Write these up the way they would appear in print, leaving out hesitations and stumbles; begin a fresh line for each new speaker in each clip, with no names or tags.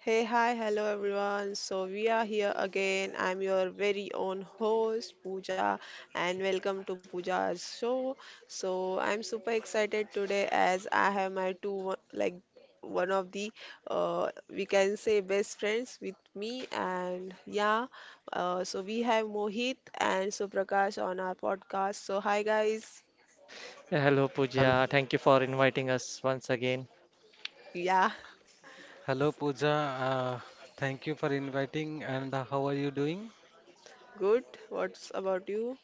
Hey, hi, hello everyone. We are here again. I'm your very own host, Pooja, and welcome to Pooja's show. I'm super excited today as I have my two, one of the, we can say, best friends with me. And yeah, we have Mohit and Suprakash on our podcast. So, hi, guys.
Hello,
Hel-
Pooja. Thank you for inviting us once again.
Yeah,
Hello, Pooja. Uh, Thank you for inviting. And how are you doing?
good. What's about you?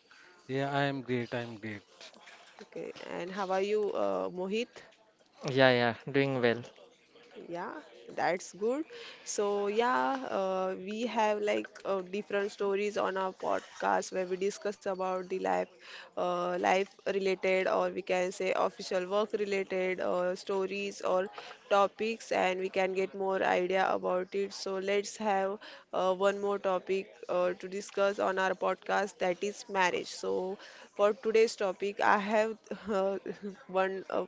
Yeah, I am great. I am great.
Okay, and how are you, Mohit?
Yeah, yeah, doing well.
Yeah, that's good. We have different stories on our podcast where we discuss about the life related, or we can say official work related stories or topics, and we can get more idea about it. So, let's have one more topic to discuss on our podcast, that is marriage. So, for today's topic, I have uh, one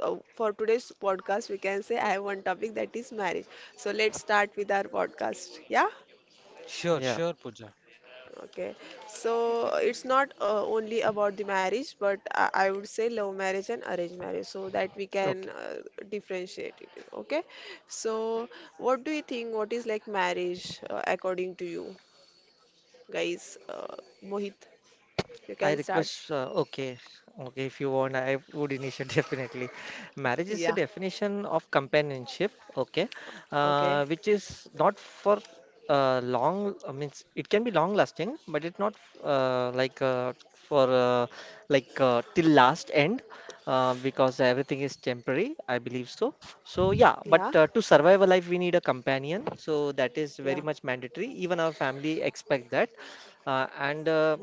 for today's podcast, we can say I have one topic that is marriage. So let's start with our podcast. Yeah.
Sure,
Yeah,
sure, Pooja.
Okay. So it's not only about the marriage, but I would say love marriage and arranged marriage, so that we can
okay.
differentiate it. Okay. So what do you think? What is like marriage according to you, guys? Mohit,
I
you can
request,
start.
uh, okay, okay, if you want, I would initiate definitely. Marriage is a
Yeah.
definition of companionship, okay,
Okay.
which is not for long, I mean, it can be long lasting, but it's not like for like till last end, because everything is temporary, I believe so. So yeah, but
Yeah.
to survive a life, we need a companion, so that is
Yeah.
very much mandatory. Even our family expect that, and
Mm,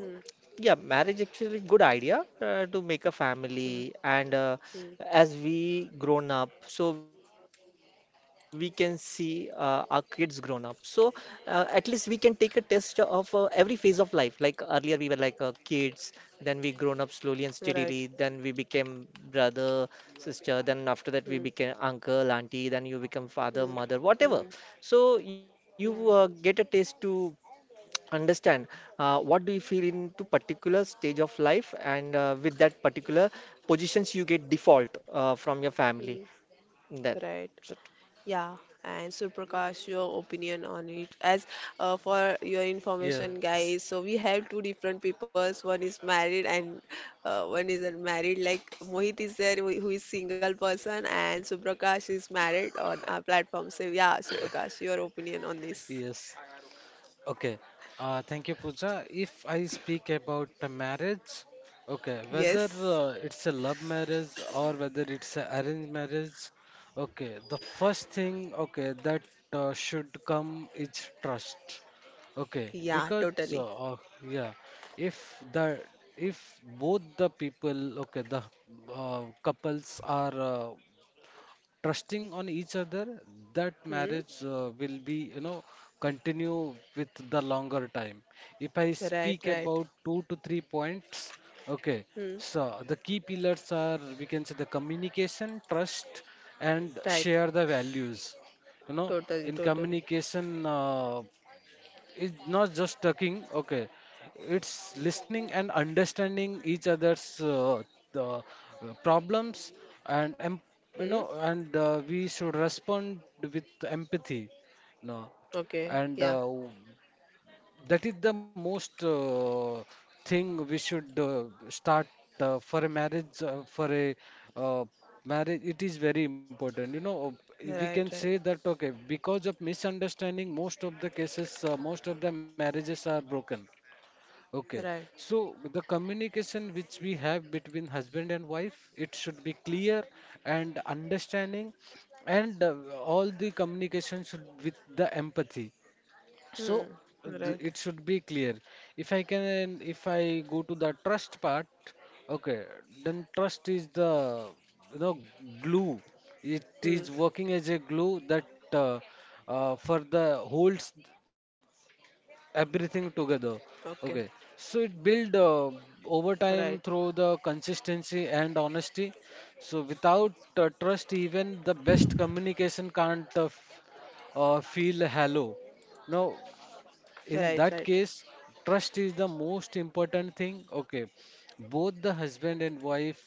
yeah, marriage actually good idea to make a
mm,
family and
mm.
as we grown up, so we can see our kids grown up. So at least we can take a test of every phase of life. Like earlier we were like kids, then we grown up slowly and steadily,
Right.
then we became brother, sister, then after that we
Mm,
became uncle, auntie, then you become father,
mm,
mother, whatever.
mm.
So you get a taste to understand what do you feel into particular stage of life and with that particular positions you get default from your family
Mhm.
that
Right.
so,
Yeah. And Suprakash, your opinion on it. As for your information,
Yes,
guys, so we have two different peoples. One is married and one is unmarried. Like Mohit is there, who is single person, and Suprakash is married on our platform. So yeah, Suprakash, your opinion on this?
yes. Okay, thank you, Pooja. If I speak about the marriage, okay, whether
Yes.
it's a love marriage or whether it's a arranged marriage, okay, the first thing, okay, that should come is trust. Okay,
Yeah.
because
Totally.
uh, uh, yeah, if the if both the people, okay, the couples are trusting on each other, that
Hmm.
marriage will be, continue with the longer time. If I
Right.
speak
Right.
about 2 to 3 points, okay,
Hmm.
so the key pillars are, we can say, the communication, trust, and
Right.
share the values, you know
Totally.
in
Totally.
communication, it's not just talking, okay. It's listening and understanding each other's the problems and
Hmm.
and we should respond with empathy, no.
Okay.
And
Yeah.
that is the most thing we should start for a marriage. For a uh, marriage, it is very important. You know, we can
Right.
say
Right.
that okay, because of misunderstanding, most of the cases, most of the marriages are broken. Okay,
Right.
so the communication which we have between husband and wife, it should be clear and understanding, and all the communication should with the empathy. So
Hmm. Right.
it should be clear. If I go to the trust part, okay, then trust is the, you know glue. It
Hmm.
is working as a glue that uh, for the holds
Okay.
everything together. Okay, so it build
Right.
over time through the consistency and honesty. So without trust, even the best communication can't feel hollow. Now,
Right. Right.
in that case, trust is the most important thing. Okay, both the husband and wife,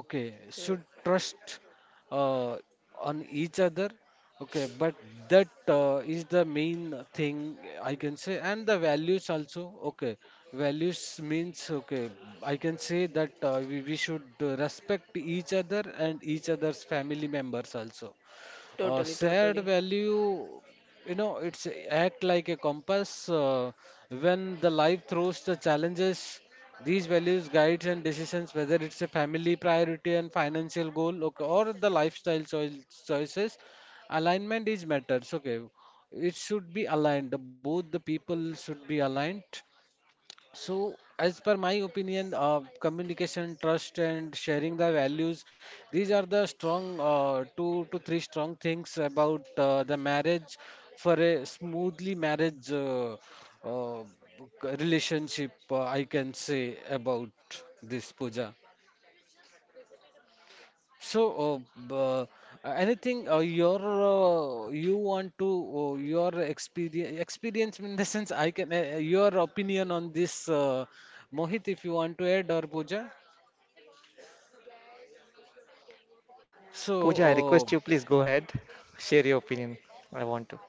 okay,
Hmm.
should trust uh, on each other, okay, but that is the main thing, I can say. And the values also, okay. Values means, okay, I can say that we should respect each other and each other's family members also.
Totally.
Shared
Totally.
value, you know, it's act like a compass. When the life throws the challenges, these values guides and decisions, whether it's a family priority and financial goal, okay, or the lifestyle choices, alignment is matters. Okay, it should be aligned. Both the people should be aligned. So, as per my opinion, communication, trust, and sharing the values, these are the strong two to three strong things about the marriage, for a smoothly marriage uh, relationship, I can say about this, Puja. So, b- uh, anything you want to, your experience in the sense, I can, your opinion on this, Mohit, if you want to add, or Pooja. So,
Pooja, I request you
uh,
please go ahead share your opinion. I want to.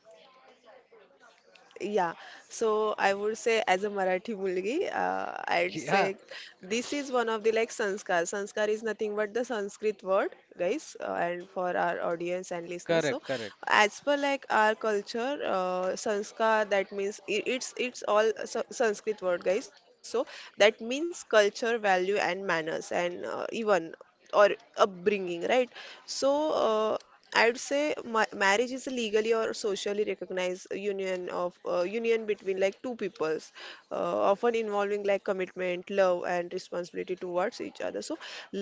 Yeah, so I would say as a Marathi mulgi, I'd
yeah,
say this is one of the like sanskar. Sanskar is nothing but the Sanskrit word, guys, and for our audience and listeners. So,
correct, correct,
as per like our culture, sanskar that means it's all Sanskrit word, guys. So that means culture, value, and manners, and even or upbringing, right? So I'd say ma marriage is a legally or socially recognized union of union between like two peoples, often involving like commitment, love, and responsibility towards each other. So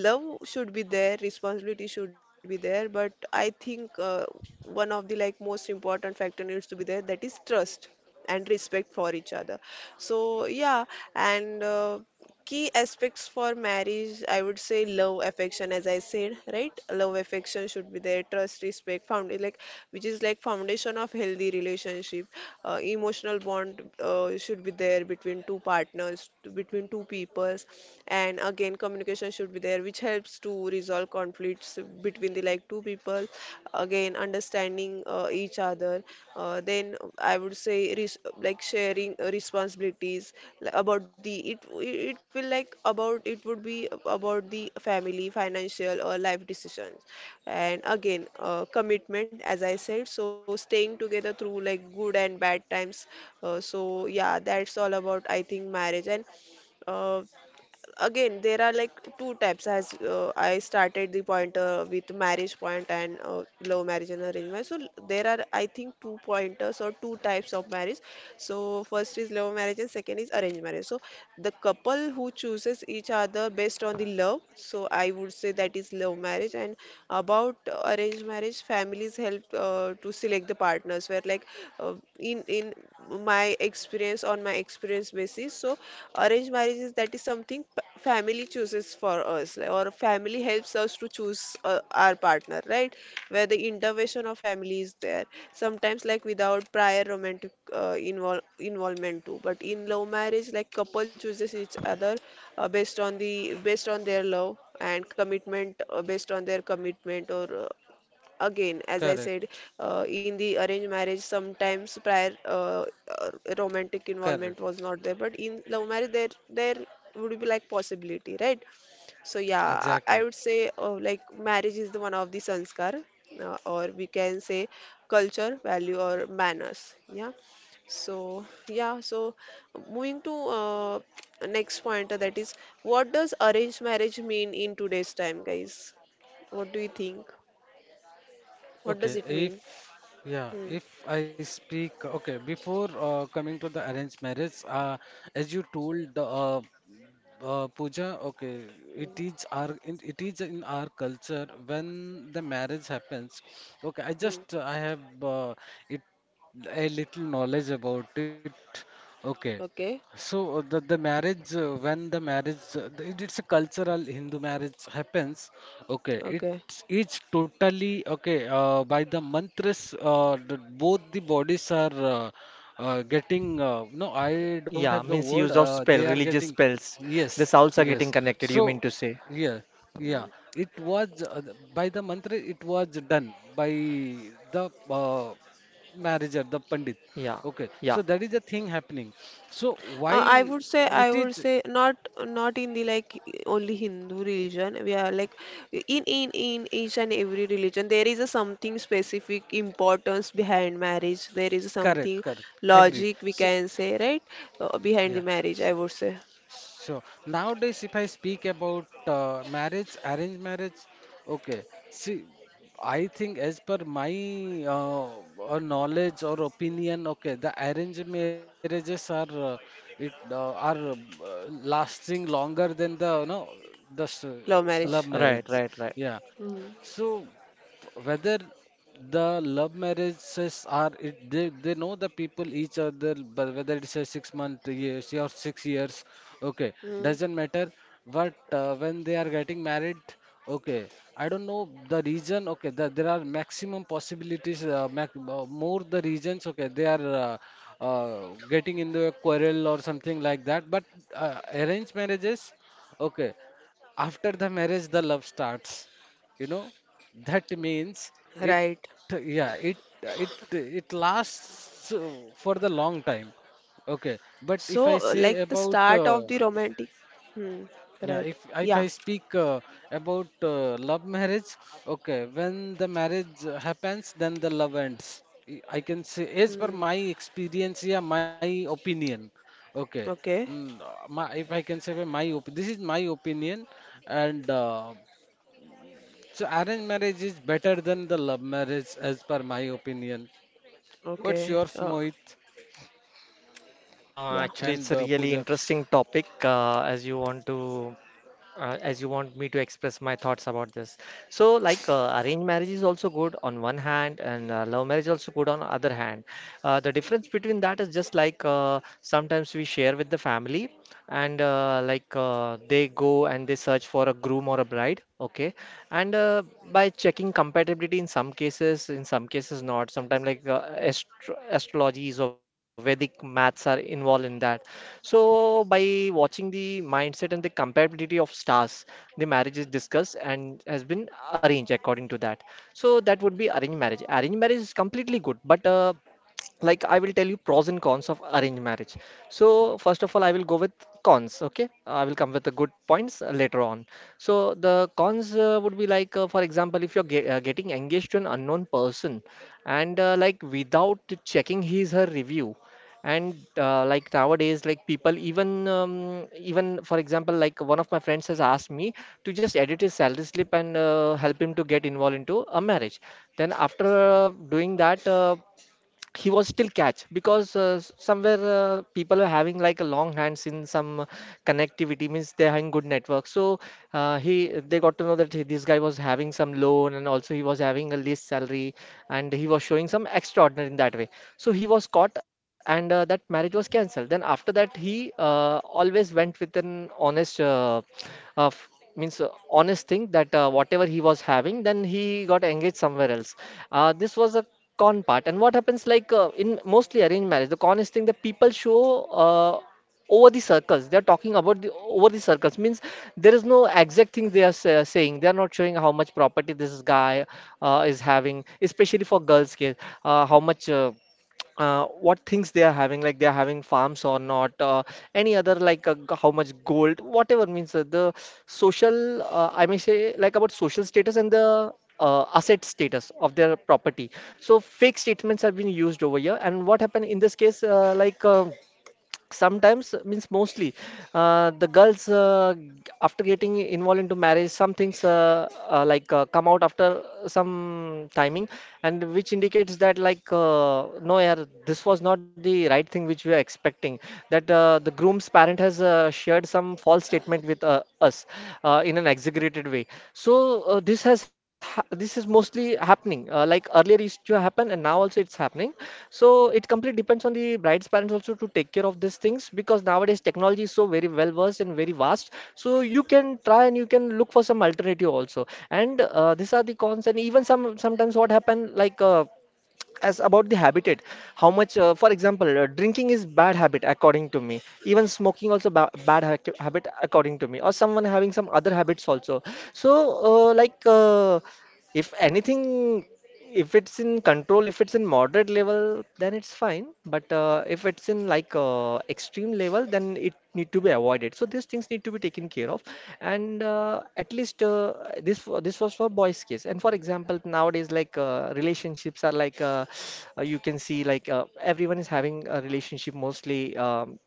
love should be there, responsibility should be there, but I think one of the like most important factor needs to be there, that is trust and respect for each other. So yeah, and key aspects for marriage, I would say love, affection, as I said, right, love, affection should be there, trust, respect, found like which is like foundation of healthy relationship. Emotional bond should be there between two partners, between two peoples, and again communication should be there which helps to resolve conflicts between the like two people, again understanding each other, then I would say like sharing responsibilities. About the it it will like about it would be about the family, financial or life decisions, and again commitment, as I said, so staying together through like good and bad times, so yeah, that's all about I think marriage. And uh, again there are like two types as I started the point with marriage point, and love marriage and arrangement marriage. So there are I think two pointers or two types of marriage. So first is love marriage and second is arranged marriage. So the couple who chooses each other based on the love, so I would say that is love marriage. And about arranged marriage, families help to select the partners where like uh, in my experience, on my experience basis, so arranged marriage is that is something family chooses for us, like, or family helps us to choose our partner, right, where the intervention of family is there, sometimes like without prior romantic involvement too. But in love marriage like couple chooses each other based on their love and commitment, based on their commitment or again, as I said,
correct,
in the arranged marriage, sometimes prior uh, romantic
correct,
involvement was not there, but in love marriage, there would be like possibility, right? So yeah, I
exactly.
I would say like marriage is the one of the sanskar, or we can say culture, value, or manners. Yeah. So yeah, so moving to next point, that is, what does arranged marriage mean in today's time, guys? What do you think? What does
Okay,
it
if
mean?
yeah,
Hmm.
if I speak, okay, before coming to the arranged marriage, as you told the, Pooja, okay, it
Hmm.
is our it is in our culture when the marriage happens. Okay, I
Hmm.
just I have it a little knowledge about it. Okay,
Okay.
so the marriage when the marriage the- it, it's a cultural Hindu marriage happens. Okay,
Okay.
it is totally okay by the mantras. Both the bodies are getting no, I don't
Yeah,
have the
means
word.
use of spell,
They are
religious
getting.
spells. The
Yes,
souls are getting
yes.
connected, you mean
So,
to say?
yeah, yeah.
Hmm.
It was by the mantra. It was done by the manager, the pandit.
Yeah,
Okay.
yeah.
So that is the thing happening. So
Uh, I
why
would say I
it
would
is
say not in the like only Hindu religion. We are like in each and every religion there is a something specific importance behind marriage. There is
correct?
something
Correct. Agreed.
logic, we can say, right, behind
Yeah.
the marriage. I would say
So nowadays, if I speak about arranged marriage, okay. See, I think, as per my uh, knowledge or opinion, okay, the arranged marriages are it are lasting longer than the, the
love marriage.
love
Right,
marriage.
right, right.
Yeah.
Hmm.
So whether the love marriages are they know the people each other, but whether it's a 6 month years or 6 years, okay,
Hmm.
doesn't matter. But when they are getting married, okay, I don't know the reason. Okay, there are maximum possibilities, more the reasons. Okay, they are uh, getting into a quarrel or something like that. But arranged marriages, okay, after the marriage the love starts, you know. That means
Right.
it yeah, it lasts for the long time, okay. But
So
if I
like the
say
start
about
of the romantic. Hmm. Right.
yeah,
Yeah.
if I speak about love marriage, okay, when the marriage happens, then the love ends. I can say, as
Hmm.
per my experience, yeah, my opinion, okay.
Okay.
If I can say, by my this is my opinion. And so arranged marriage is better than the love marriage, as per my opinion. What's
Okay.
yours, Mohit
Yeah.
Actually, it's a
and
really
Pooja?
interesting topic uh, as you want to as you want me to express my thoughts about this. So, like, arranged marriage is also good on one hand, and love marriage also good on other hand. The difference between that is just like sometimes we share with the family, and they go and they search for a groom or a bride, okay, and by checking compatibility in some cases, in some cases not, sometimes like astro astrologies or Vedic maths are involved in that. So by watching the mindset and the compatibility of stars, the marriage is discussed and has been arranged according to that. So that would be arranged marriage. Arranged marriage is completely good, but like I will tell you pros and cons of arranged marriage. So first of all I will go with cons, okay, I will come with the good points later on. So the cons would be like, for example, if you're getting engaged to an unknown person, and like without checking his her review, and like nowadays, like people even even, for example, like one of my friends has asked me to just edit his salary slip and help him to get involved into a marriage. Then after doing that, he was still catch because somewhere people were having like a long hands in some connectivity, means they're having good network. So he they got to know that this guy was having some loan and also he was having a least salary, and he was showing some extraordinary in that way. So he was caught, and that marriage was cancelled. Then after that he always went with an honest uh, f- means honest thing that whatever he was having, then he got engaged somewhere else. This was a con part. And what happens like, in mostly arranged marriage, the con is thing that people show uh, over the circles, they are talking about the over the circles, means there is no exact thing they are saying, they are not showing how much property this guy is having, especially for girls case, how much what things they are having, like they are having farms or not, any other like g- how much gold, whatever, means the social, I may say, like about social status and the asset status of their property. So fake statements have been used over here, and what happened in this case, sometimes, means mostly the girls, after getting involved into marriage, some things come out after some timing, and which indicates that, like, no, yeah, this was not the right thing which we are expecting, that the groom's parent has shared some false statement with us in an execution exaggerated way. So this has ha this is mostly happening. Like earlier used to happen, and now also it's happening. So it completely depends on the bride's parents also to take care of these things, because nowadays technology is so very well versed and very vast. So you can try and you can look for some alternative also. And these are the cons. And even some sometimes what happen, like as about the habitat, how much, for example, drinking is bad habit according to me, even smoking also ba bad habit according to me, or someone having some other habits also. So uh, like uh, if anything, if it's in control, if it's in moderate level, then it's fine. But if it's in like extreme level, then it need to be avoided. So these things need to be taken care of. And at least this wa- this was for boys case. And for example, nowadays, like relationships are like, you can see like, everyone is having a relationship, mostly,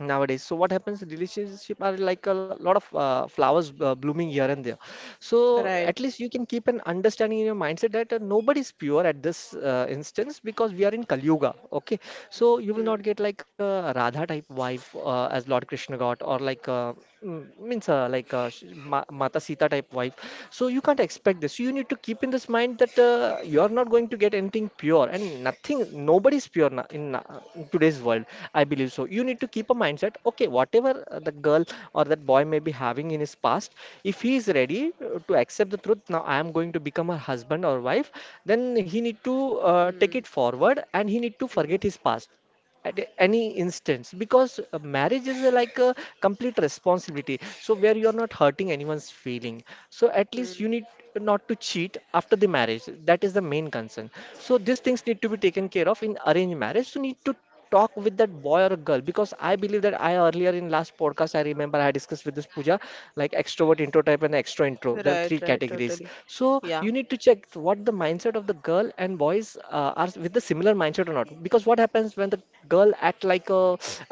nowadays. So what happens? Relationship are like a lot of flowers blooming here and there. So at
Right.
least you can keep an understanding in your mindset that nobody is pure at this instance, because we are in Kali Yuga. Okay, so you will not
Mm,
get like a Radha type wife as Lord Krishna got or like. Mm, means like sh- Ma Mata Sita type wife. So you can't expect this. So you need to keep in this mind that you are not going to get anything pure and nothing. Nobody's pure na in today's world. I believe so. You need to keep a mindset. Okay, whatever the girl or that boy may be having in his past, if he is ready to accept the truth, now I am going to become her husband or wife. Then he need to take it
mm,
forward, and he need to forget
mm,
his past at any instance, because marriage is like a complete responsibility, so where you're not hurting anyone's feeling. So at least you
mm.
need not to cheat after the marriage. That is the main concern, so these things need to be taken care of in arranged marriage. So need to talk with that boy or girl, because I believe that I earlier in last podcast, I remember I discussed with this Pooja, like extrovert intro type and extra intro, there are three
Right. Right.
categories.
Totally.
So you
Yeah.
need to check what the mindset of the girl and boys are, with the similar mindset or not. Because what happens when the girl act like a,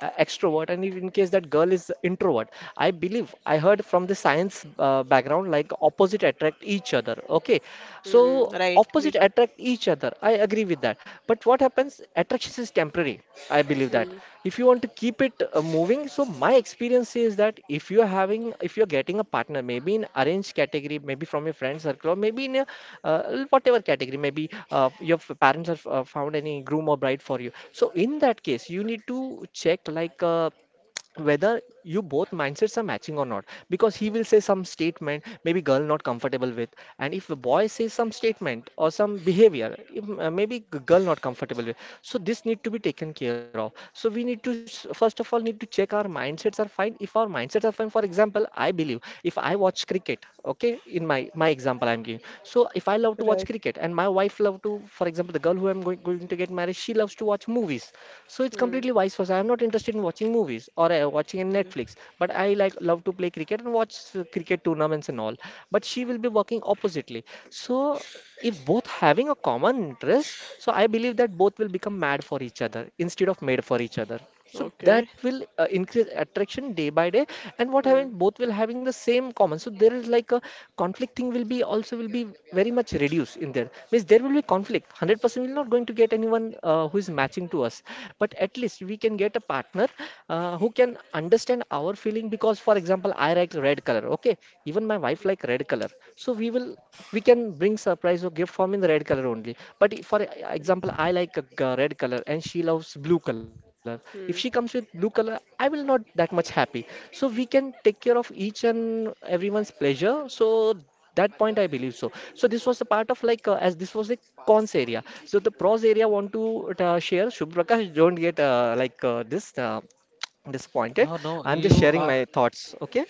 uh, extrovert, and if in case that girl is introvert, I believe I heard from the science background, like opposite attract each other, okay.
Mm,
So
right. Me.
opposite attract each other, I agree with that. But what happens, attraction is temporary, I believe that.
Mm,
If you want to keep it moving, so my experience is that if you are having, if you are getting a partner, maybe in arranged category, maybe from your friend circle, or maybe in a, whatever category, maybe parents have found any groom or bride for you, so in that case you need to check like whether you both mindsets are matching or not. Because he will say some statement, maybe girl not comfortable with, and if a boy says some statement or some behavior, if, maybe girl not comfortable with. So this need to be taken care of. So we need to first of all need to check our mindsets are fine. If our mindsets are fine, for example, I believe, if I watch cricket, okay, in my my example I'm giving, so if I love to watch
right.
cricket, and my wife love to, for example, the girl who I'm going to get married, she loves to watch movies. So it's completely
Mm,
vice versa. I'm not interested in watching movies Netflix or watching in Netflix.
mm.
But I like love to play cricket and watch cricket tournaments and all. But she will be working oppositely. So if both having a common interest, so I believe that both will become mad for each other instead of made for each other. So that
Okay.
will increase attraction day by day, and what having
Mm,
both will having the same common. So there is like a conflict thing will be also will be very much reduced in there. Means there will be conflict. 100% we're not going to get anyone who is matching to us, but at least we can get a partner who can understand our feeling. Because for example I like red color. Okay, even my wife like red color, so we can bring surprise or gift form in the red color only. But for example
mm,
I like a red color and she loves blue color. If she comes with
mm.
blue color I will not that much happy. So we can take care of each and everyone's pleasure, so that point I believe. So this was the part of like as this was the cons area. So the pros area want to share. Shubh Prakash, don't get like this disappointed.
No, no,
I'm just
you
sharing my
are
thoughts, okay?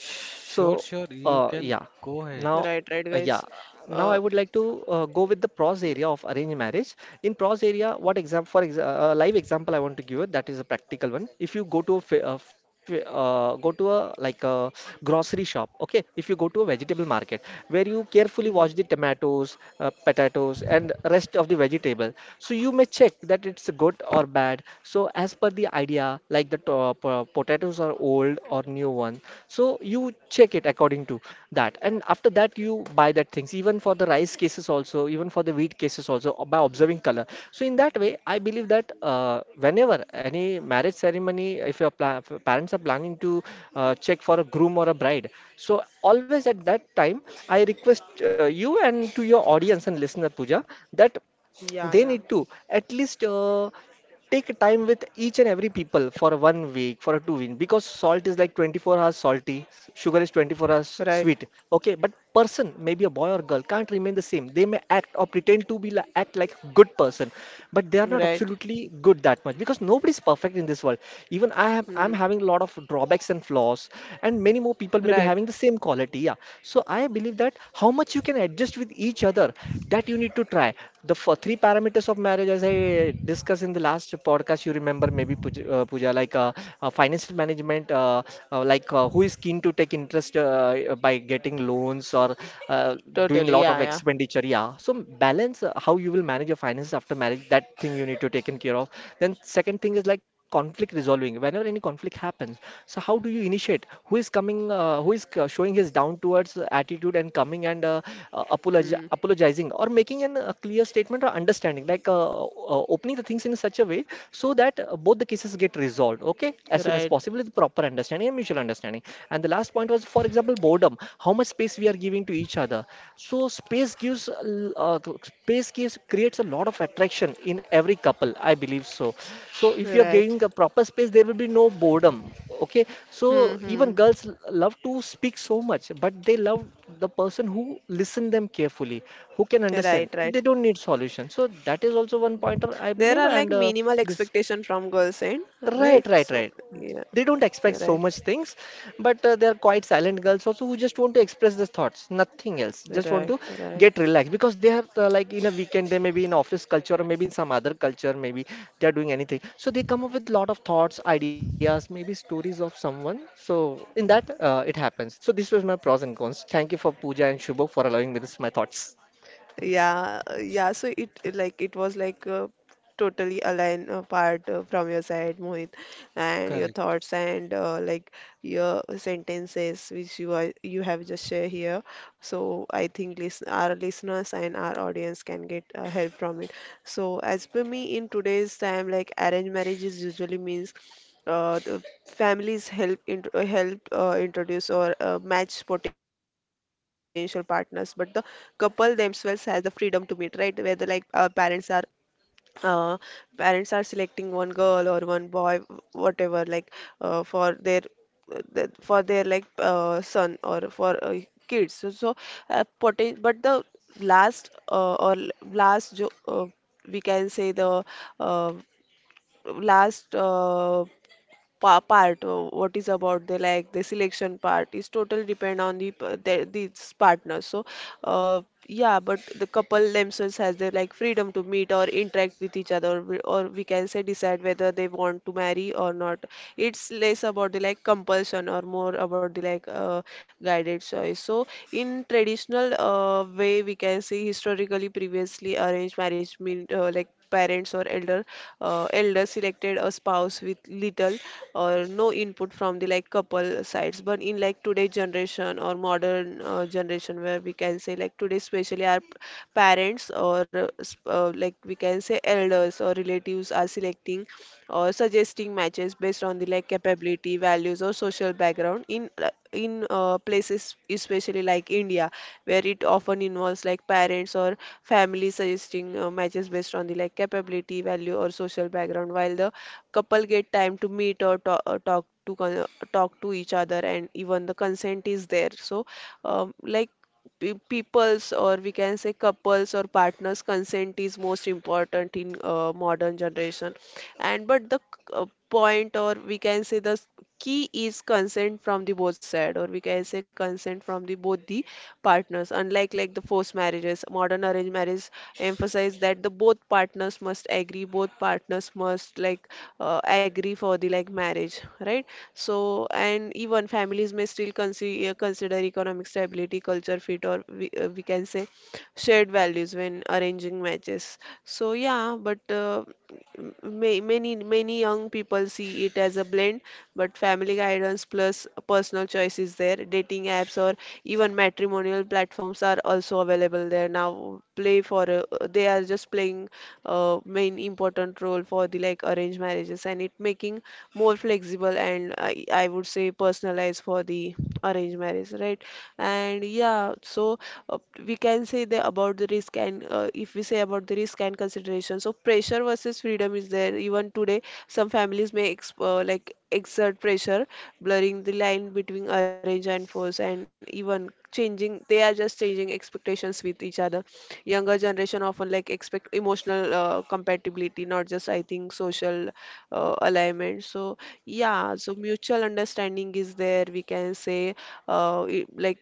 So,
sure, sure. You
yeah.
can
Right. Right,
go
guys.
ahead.
Now,
Uh.
yeah. Now I would like to
y-
go with the pros area of arranged marriage. In pros area, what example? For ex A live example I want to give it, that is a practical one. If you go to a go to a like a grocery shop, okay? If you go to a vegetable market where you carefully
mm,
watch the tomatoes, potatoes, and rest of the vegetable, so you may check that it's good or bad. So as per the idea, like the potatoes are old or new one, so you check it according to that, and after that you buy that things, even for the rice cases also, even for the wheat cases also, by observing color. So in that way I believe that whenever any marriage ceremony, if your if your parents are planning to check for a groom or a bride, so always at that time I request you and to your audience and listener Puja, that
Yeah.
they
Yeah.
need to at least take time with each and every people for a 1 week, for a 2 week, because salt is like 24 hours salty, sugar is 24 hours
Right.
sweet. Okay, but person, maybe a boy or girl, can't remain the same. They may act or pretend to be like act like good person, but they are not
Right.
absolutely good that much, because nobody's perfect in this world. Even
Mm,
I'm having a lot of drawbacks and flaws, and many more people may be
right.
having the same quality, yeah. So I believe that how much you can adjust with each other, that you need to try. The for three parameters of marriage, as I discussed in the last podcast, you remember maybe Puja, financial management. Who is keen to take interest by getting loans or uh, doing
Totally.
lot
Yeah.
of
Yeah.
expenditure, yeah. So balance, how you will manage your finances after marriage, that thing you need to taken care of. Then second thing is like conflict resolving. Whenever any conflict happens, so how do you initiate? Who is coming, who is showing his down towards attitude and coming and
Mm,
apologizing, or making a clear statement or understanding, like opening the things in such a way so that both the cases get resolved, okay, as soon as
right.
possible with proper understanding and mutual understanding. And the last point was for example boredom, how much space we are giving to each other. So space gives, creates a lot of attraction in every couple, I believe so. So if you are
Right.
giving a proper space there will be no boredom, okay. So
Hmm, hmm.
even girls love to speak so much, but they love the person who listen them carefully, who can understand.
Right. Right.
They don't need solution, so that is also one pointer I
There are
believe.
like
And
minimal
this
expectation from girls' end,
Right,
right?
right,
So
right.
yeah,
They don't expect so
right,
much things, but they are quite silent girls also who just want to express their thoughts, nothing else. Just want
right,
to
right.
get relaxed, because they are like in a weekend, they may be in office culture or maybe in some other culture, maybe they are doing anything. So they come up with lot of thoughts, ideas, maybe stories of someone. So in that, it happens. So this was my pros and cons. Thank you for Pooja and Shubho for allowing me this my thoughts.
Yeah, yeah. So like it was like totally aligned part from your side, Mohit, and your
Correct.
thoughts and like your sentences which you have just shared here. So I think listen, our listeners and our audience can get help from it. So as per me, in today's time, like arranged marriages usually means the families help help introduce or match potential partners, but the couple themselves has the freedom to meet, right, where the parents are uh, parents are selecting one girl or one boy, whatever, like for their for their like son or for kids. So, but the last or l- last jo- we can say the uh, last part, what is about the like the selection part is totally depend on the, the these partners. So uh, yeah, but the couple themselves has their like freedom to meet or interact with each other or we can say decide whether they want to marry or not. It's less about the like compulsion or more about the like guided choice. So in traditional way, we can say historically, previously, arranged marriage mean like parents or elder elders selected a spouse with little or no input from the like couple sides. But in like today generation or modern generation, where we can say like today, especially our parents or like we can say elders or relatives are selecting or suggesting matches based on the like capability, values, or social background, in places especially like India, where it often involves like parents or family suggesting matches based on the like capability, value, or social background, while the couple get time to meet or talk, talk to each other, and even the consent is there. So, like people's, or we can say couples or partners consent, is most important in modern generation. And but the point, or we can say the key is consent from the both side, or we can say consent from the both the partners. Unlike like the forced marriages, modern arranged marriage emphasize that the both partners must agree, both partners must agree for the like marriage, right? So and even families may still consider economic stability, culture fit, or we can say shared values when arranging matches. So yeah, but many many young people see it as a blend, but family guidance plus personal choice is there. Dating apps or even matrimonial platforms are also available there now. Play for they are just playing main important role for the like arranged marriages, and it making more flexible and, I would say, personalized for the arranged marriage, right? And yeah, so uh, we can say the about the risk and if we say about the risk and consideration, so pressure versus freedom is there even today. Some families may ex like exert pressure, blurring the line between arrange and force, and even changing they are just changing expectations with each other. Younger generation often like expect emotional compatibility, not just, I think, social alignment. So mutual understanding is there, we can say. Like,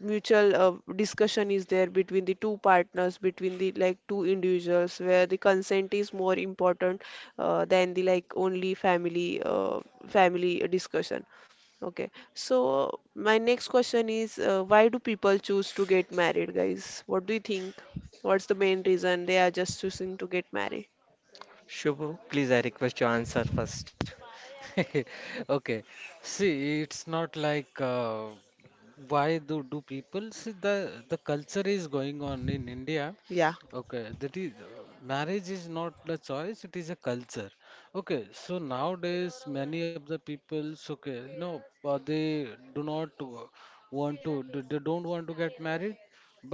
mutual discussion is there between the two partners, between the like two individuals, where the consent is more important than the like only family discussion. Okay, so my next question is, why do people choose to get married, guys? What do you think? What's the main reason they are just choosing to get married?
Shubho, please I request your answer first.
Okay. See, it's not like, Why do people see the, culture is going on in India.
Yeah.
Okay, that is, marriage is not a choice, it is a culture. Okay, so nowadays many of the peoples, okay, no, they do not w- want to, they don't want to get married,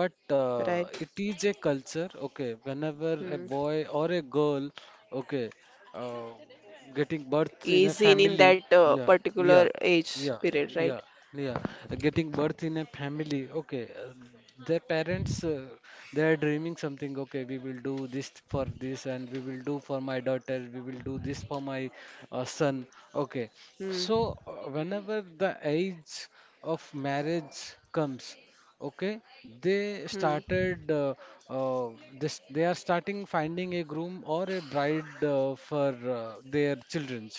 but
Right.
it is a culture. Okay, whenever a
Hmm.
boy or a girl, okay. Uh, Getting birth in a
Is in
family,
that
yeah, yeah,
particular age
yeah,
period,
yeah,
right?
yeah. Getting birth in a family, okay, their parents, they are dreaming something, okay. We will do this for this, and we will do for my daughter, we will do this for my son, okay.
Hmm.
So whenever the age of marriage comes, okay, they
Hmm.
started, uh, this they are starting finding a groom or a bride for their children.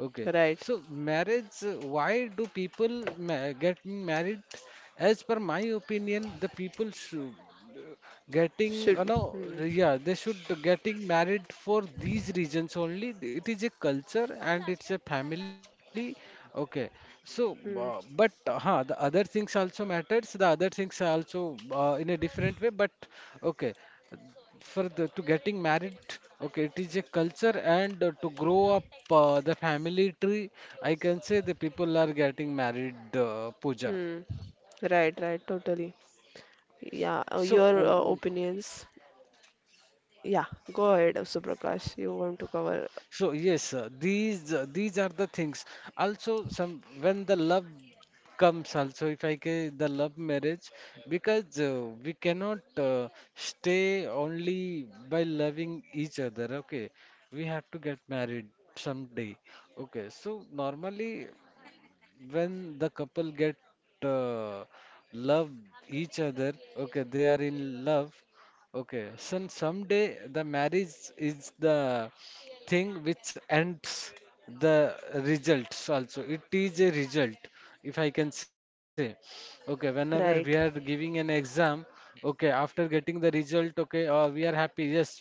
Okay,
Right.
so marriage, why do people ma getting married? As per my opinion, the people should uh, getting, you
Should.
know,
Hmm.
yeah, they should getting married for these reasons only. It is a culture and it's a family. Okay, so
Hmm.
the other things also matters. The other things are also in a different way. But okay, for the to getting married, okay, it is a culture, and to grow up the family tree, I can say, the people are getting married, Puja.
Hmm. Right, right, totally. Yeah,
So
your
o- o-
opinions. Yeah, go ahead, Suprakash. You want to cover.
so yes, these are the things also. Some, when the love comes also, if I say the love marriage, because we cannot stay only by loving each other, okay, we have to get married someday, okay. So normally, when the couple get uh, love each other, okay, they are in love, okay. So someday the marriage is the thing which ends the results also. It is a result, if I can say. Okay, whenever
Right.
we are giving an exam, okay, after getting the result, okay, we are happy. Yes,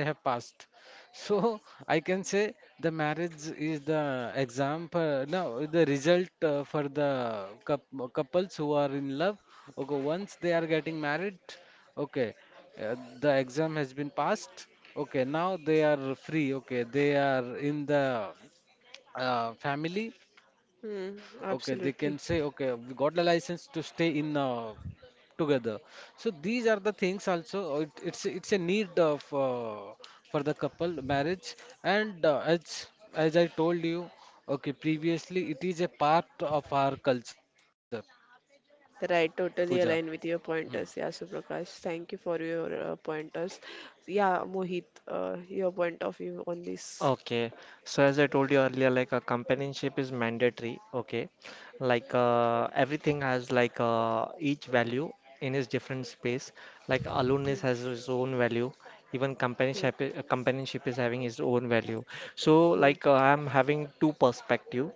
I have passed. So I can say the marriage is the example, no, the result for the couples who are in love. Okay, once they are getting married, okay, the exam has been passed. Okay, now they are free. Okay, they are in the family, okay. They
Hmm,
can say, okay, we
absolutely.
got the license to stay in, together. So these are the things also. It's a need of for the couple marriage. And as I told you, okay, previously, it is a part of our culture,
Right,
Puja.
totally aligned with
Hmm.
your pointers. Yeah, Suprakash, thank you for your pointers. Yeah, Mohit, your point of view on this.
Okay, so as I told you earlier, like a companionship is mandatory. Okay, like everything has like each value in its different space. Like
Hmm,
aloneness has its own value. Even
hmm,
companionship is having its own value. So
hmm,
like I'm having two perspective.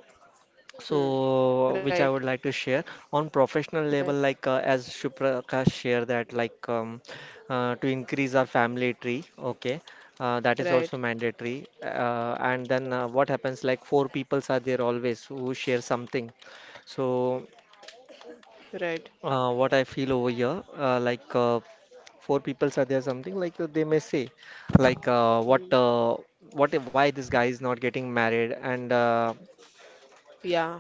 hmm.
So,
Right,
which I would like to share on professional
right,
level, like as Suprakash share that, like to increase our family tree, okay, that is
right,
also mandatory. And then what happens, like four peoples are there always who share something. So,
right.
what I feel over here, four peoples are there, something like they may say, like
Hmm.
why this guy is not getting married and.
Yeah.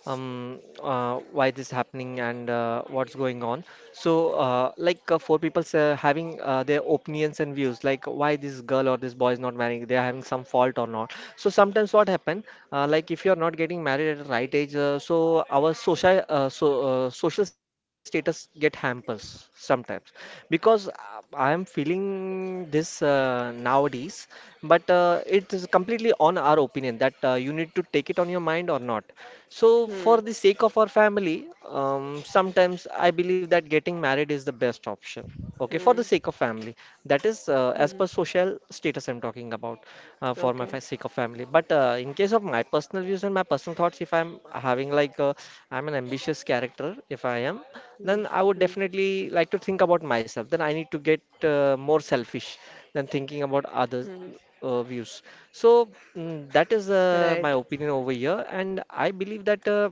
Why this happening and what's going on. So, four people having their opinions and views, like why this girl or this boy is not marrying, they are having some fault or not. So sometimes what happen, like if you are not getting married at the right age, so social status get hampers sometimes, because I am feeling this nowadays, but it is completely on our opinion that you need to take it on your mind or not. So,
Hmm,
for the sake of our family, sometimes I believe that getting married is the best option. Okay, for
hmm,
the sake of family, that is as
hmm.
per social status I'm talking about,
Okay.
sake of family. But in case of my personal views and my personal thoughts, if I'm having like I'm an ambitious character, if I am,
Hmm,
then I would
hmm,
definitely like to think about myself. Then I need to get more selfish than thinking about
hmm.
others views. So mm, that is
Right,
my opinion over here, and I believe that.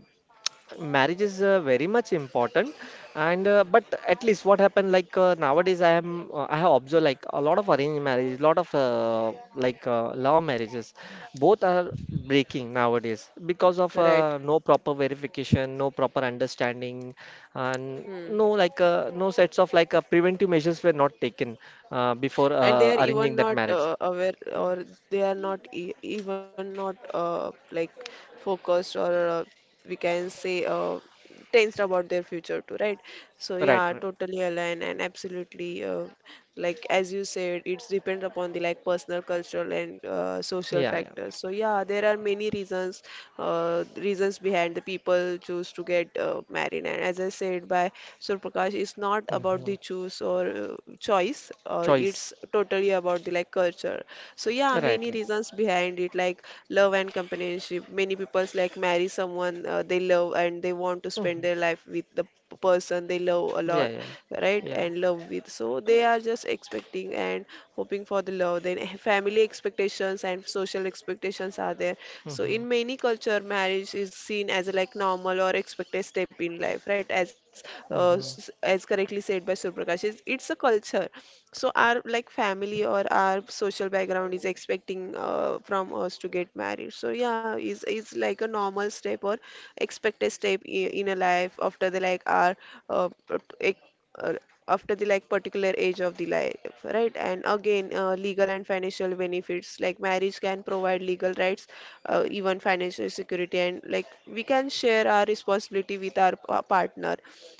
Marriage is very much important, and but at least what happened, like nowadays I am I have observed like a lot of arranged marriages, lot of love marriages, both are breaking nowadays, because of
right.
no proper verification, no proper understanding, and
Hmm.
no no sets of preventive measures were not taken before
And they are even
arranging that
not
marriage.
aware, or they are not e even not like focused, or we can say tensed about their future too, right? So
Right,
yeah,
right.
totally aligned. And absolutely, like, as you said, it's depends upon the like personal, cultural, and social
Yeah,
factors.
yeah.
So yeah, there are many reasons, reasons behind the people choose to get married. And as I said by Surprakash, it's not about
Hmm.
the choose or choice. It's
Choice.
totally about the like culture. So yeah,
Right,
many
right.
reasons behind it, like love and companionship. Many people's like marry someone they love and they want to spend
Hmm.
their life with the person they love a
Yeah,
lot,
yeah.
right?
Yeah.
And love with, so they are just expecting and hoping for the love. Then family expectations and social expectations are there. So
Hmm.
in many culture, marriage is seen as a like normal or expected step in life, right? As uh, s-
Hmm.
as correctly said by Surprakash, it's a culture. So our like family or our social background is expecting from us to get married. So yeah, is like a normal step or expected step in a life after the like our uh, uh, after the like particular age of the life, right? And again, legal and financial benefits, like marriage can provide legal rights, even financial security, and like we can share our responsibility with our partner.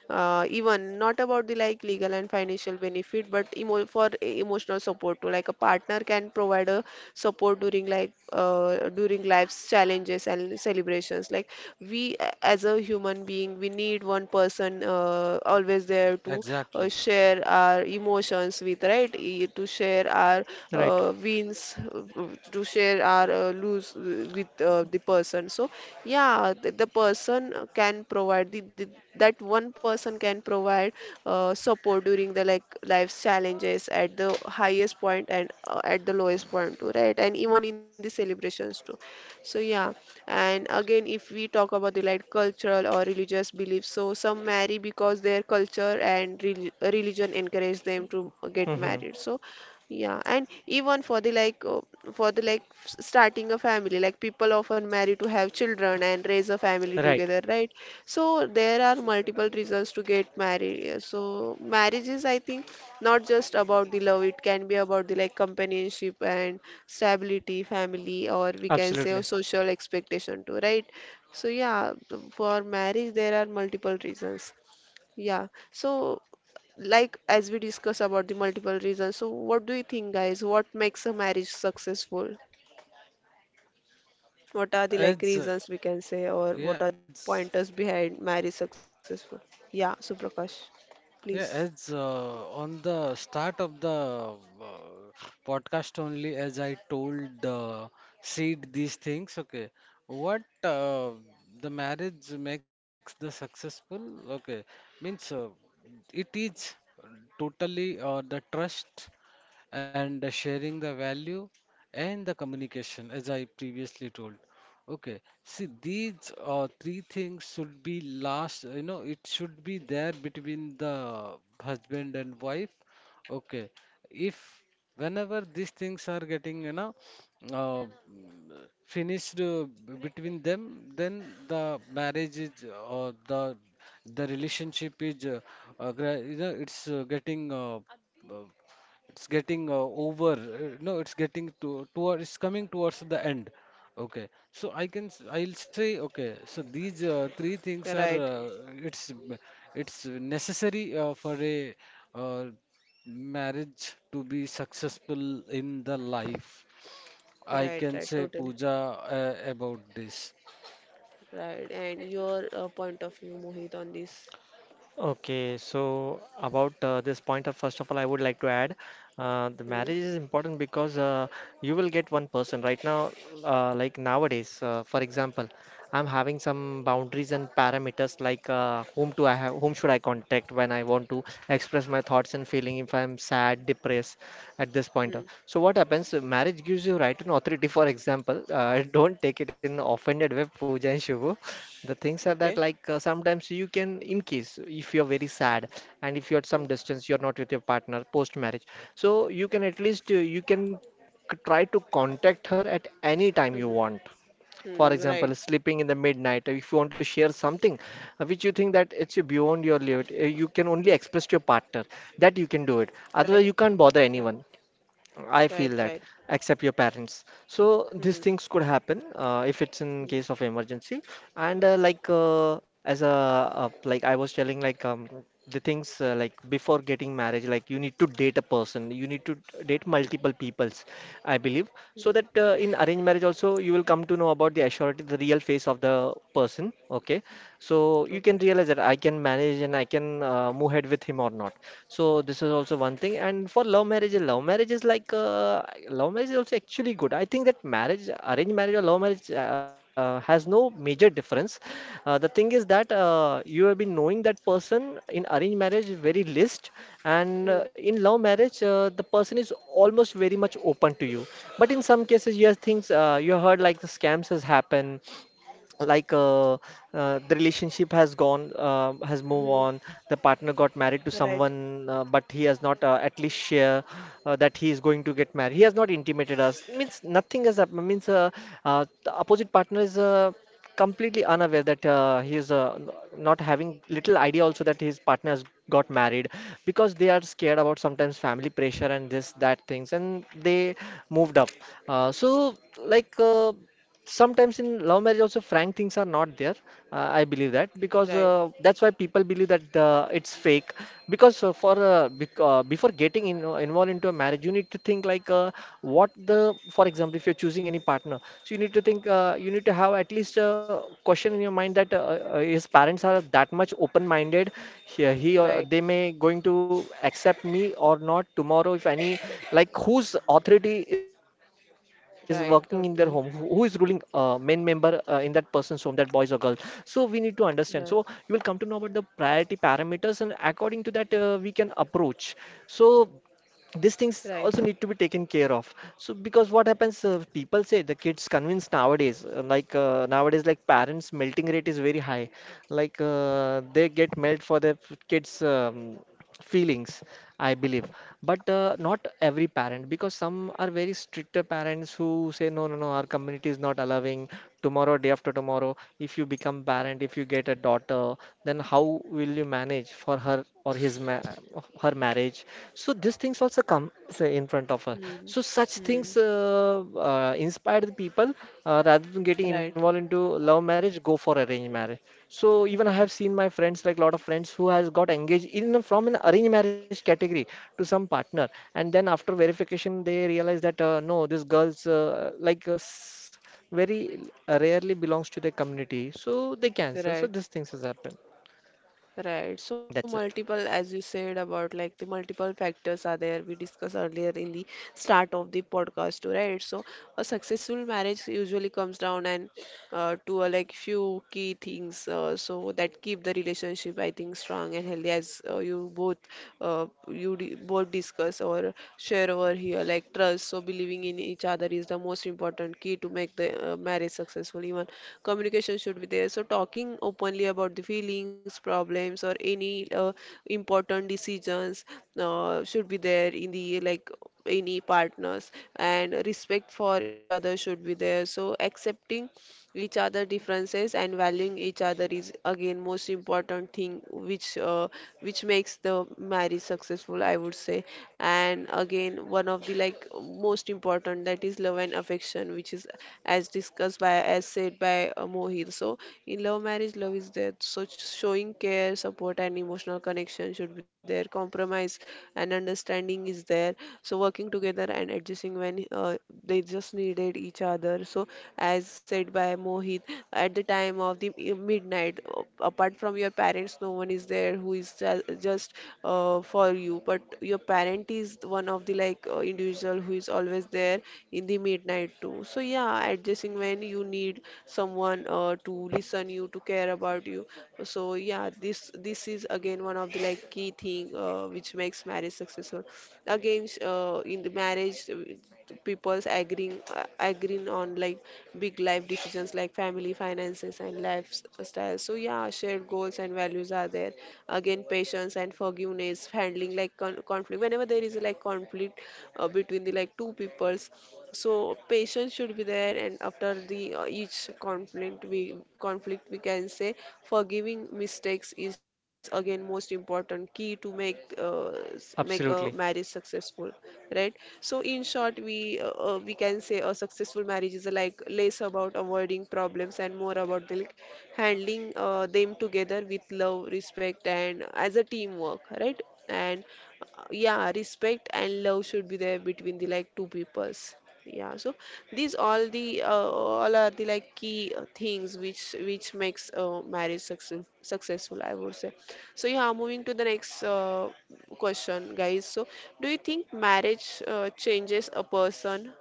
Even not about the like legal and financial benefit, but emotional support too, like a partner can provide a support during life's challenges and celebrations, like we as a human being we need one person always there to
Exactly.
share our emotions with, right? To share our
Right.
wins, to share our lose with the person. So yeah, the person can provide the that one person can provide support during the like life's challenges, at the highest point and at the lowest point too, right? And even in the celebrations too. So yeah. And again, if we talk about the like cultural or religious beliefs, so some marry because their culture and religion encourage them to get
Hmm.
married. So yeah. And even for the for the like starting a family, like people often marry to have children and raise a family
Right.
together, right? So there are multiple reasons to get married. So marriage is, I think, not just about the love. It can be about the like companionship and stability, family, or we can say a
Absolutely.
social expectation too, right? So yeah, for marriage there are multiple reasons. Yeah. So like as we discuss about the multiple reasons, so what do you think, guys? What makes a marriage successful? What are the like
as
reasons we can say, or what
yeah
are the like
as
pointers behind marriage successful? Yeah, Suprakash, please.
Yeah, as on the start of the podcast only, as I told, Sid, these things, okay, what the marriage makes the successful, okay, means it is totally the trust and sharing the value and the communication, as I previously told. Okay, see, these three things should be last, you know, it should be there between the husband and wife. Okay, if whenever these things are getting, you know, uh, finished between them, then the marriage is, or the relationship is, you know, uh, it's getting, over no it's getting to toward it's coming towards the end, okay. So I can I'll say, okay, so these three things are
Right,
it's m- it's necessary for a uh, marriage to be successful in the life, I
right,
can
right,
say,
totally.
Puja, about this.
Right, and your point of view, Mohit, on this.
Okay, so about this pointer, first of all, I would like to add the
Hmm,
marriage is important because you will get one person right now, like nowadays, for example, I'm having some boundaries and parameters, like whom do I have, whom should I contact when I want to express my thoughts and feeling if I'm sad, depressed at this pointer.
hmm,
So what happens? Marriage gives you right and authority. For example, don't take it in offended way, Pooja and Shubhu. The things are that
okay.
like sometimes you can, in case if you're very sad and if you're at some
Hmm,
distance, you're not with your partner post marriage, so you can at least you can try to contact her at any time you
hmm,
want. For
hmm,
example,
right,
sleeping in the midnight, if you want to share something which you think that it's beyond your limit, you can only express to your partner, that you can do it.
right,
Otherwise, you can't bother
right,
anyone. I
right,
feel that,
right.
except your parents. So these
Hmm,
things could happen if it's in case
hmm,
of emergency. And as a I was telling, like the things like before getting marriage, like you need to date a person, you need to date multiple peoples, I believe, so
hmm,
that in
hmm.
arranged marriage also you will come to know about the assurity, the real face of the person. Okay, so you can
Okay.
realize that I can manage and I can move ahead with him or not. So this is also one thing. And for love marriage, is like love marriage is also actually good. I think that marriage, arranged marriage or love marriage has no major difference. The thing is that you have been knowing that person in arranged marriage very least, and
Hmm,
in love marriage the person is almost very much open to you. But in some cases, you have things you heard like the scams has happened like uh, the relationship has gone has moved
hmm,
on. The partner got married to
right,
someone but he has not at least share that he is going to get married. He has not intimated us, means nothing has happened, means the opposite partner is completely unaware that he is not having little idea also that his partner has got married, because they are scared about sometimes family pressure and this that things, and they moved up. Uh, so like uh, sometimes in love marriage also frank things are not there. I believe that, because
right,
that's why people believe that it's fake, because before getting in, involved into a marriage, you need to think like, what the, for example, if you're choosing any partner, so you need to think, you need to have at least a question in your mind that his parents are that much open-minded. He or they
right,
may going to accept me or not tomorrow. If any, like whose authority is working in their home, who is ruling
right, totally.
main member in that person's home, that boys or girls. So we need to understand. So you will come to
Right,
know about the priority parameters, and according to that, we can approach. So these things also
right.
need to be taken care of, so because what happens, people say the kids convince nowadays, nowadays like parents melting rate is very high. They get melt for their kids feelings, I believe. But not every parent, because some are very stricter parents who say no no no, our community is not allowing. Tomorrow, day after tomorrow, if you become parent, if you get a daughter, then how will you manage for her or his ma her marriage. So these things also come, say, in front of her. So
Hmm,
such things
hmm,
uh, uh, inspire the people, rather than getting involved into
right.
love marriage, go for arranged marriage. So even I have seen
Right,
my friends, like lot of friends who has got engaged from an arranged marriage category to some partner, and then after verification they realize that no, this girl's very rarely belongs to the community, so they cancel. So these
right,
things has happened.
right. So
That's it.
multiple, as you said about like the multiple factors are there. We discussed earlier in the start of the podcast too, right? So a successful marriage usually comes down, and to a like few key things, so that keep the relationship, I think, strong and healthy, as you both, you di both discuss or share over here, like trust. So believing in each other is the most important key to make the marriage successful. Even communication should be there. So talking openly about the feelings, problems, or any important decisions should be there in the like any partners. And respect for each other should be there. So accepting each other differences and valuing each other is again most important thing which makes the marriage successful, I would say. And again, one of the like most important, that is love and affection, which is as said by Mohit. So in love marriage, love is there. So showing care, support, and emotional connection should be there. Compromise and understanding is there. So working together and adjusting when they just needed each other. So as said by Mohit, at the time of the midnight, apart from your parents, no one is there who is just for you. But your parent is one of the like individual who is always there in the midnight too. So yeah, adjusting when you need someone, to listen you, to care about you. So yeah, this is again one of the like key thing which makes marriage successful. Again, in the marriage, people's agreeing on like big life decisions, like family, finances, and lifestyle. So yeah, shared goals and values are there. Again, patience and forgiveness, handling like conflict. Whenever there is like conflict between the like two peoples, so patience should be there. And after the each conflict, we can say forgiving mistakes is again most important key to make a
Absolutely.
marriage successful, right? So in short, we can say a successful marriage is, like, less about avoiding problems and more about the, handling them together with love, respect, and as a teamwork, right? And yeah, respect and love should be there between the like two peoples. Yeah. So these all the all are the like key things which makes marriage successful, I would say. So yeah, moving to the next question, guys. So, do you think marriage changes a person?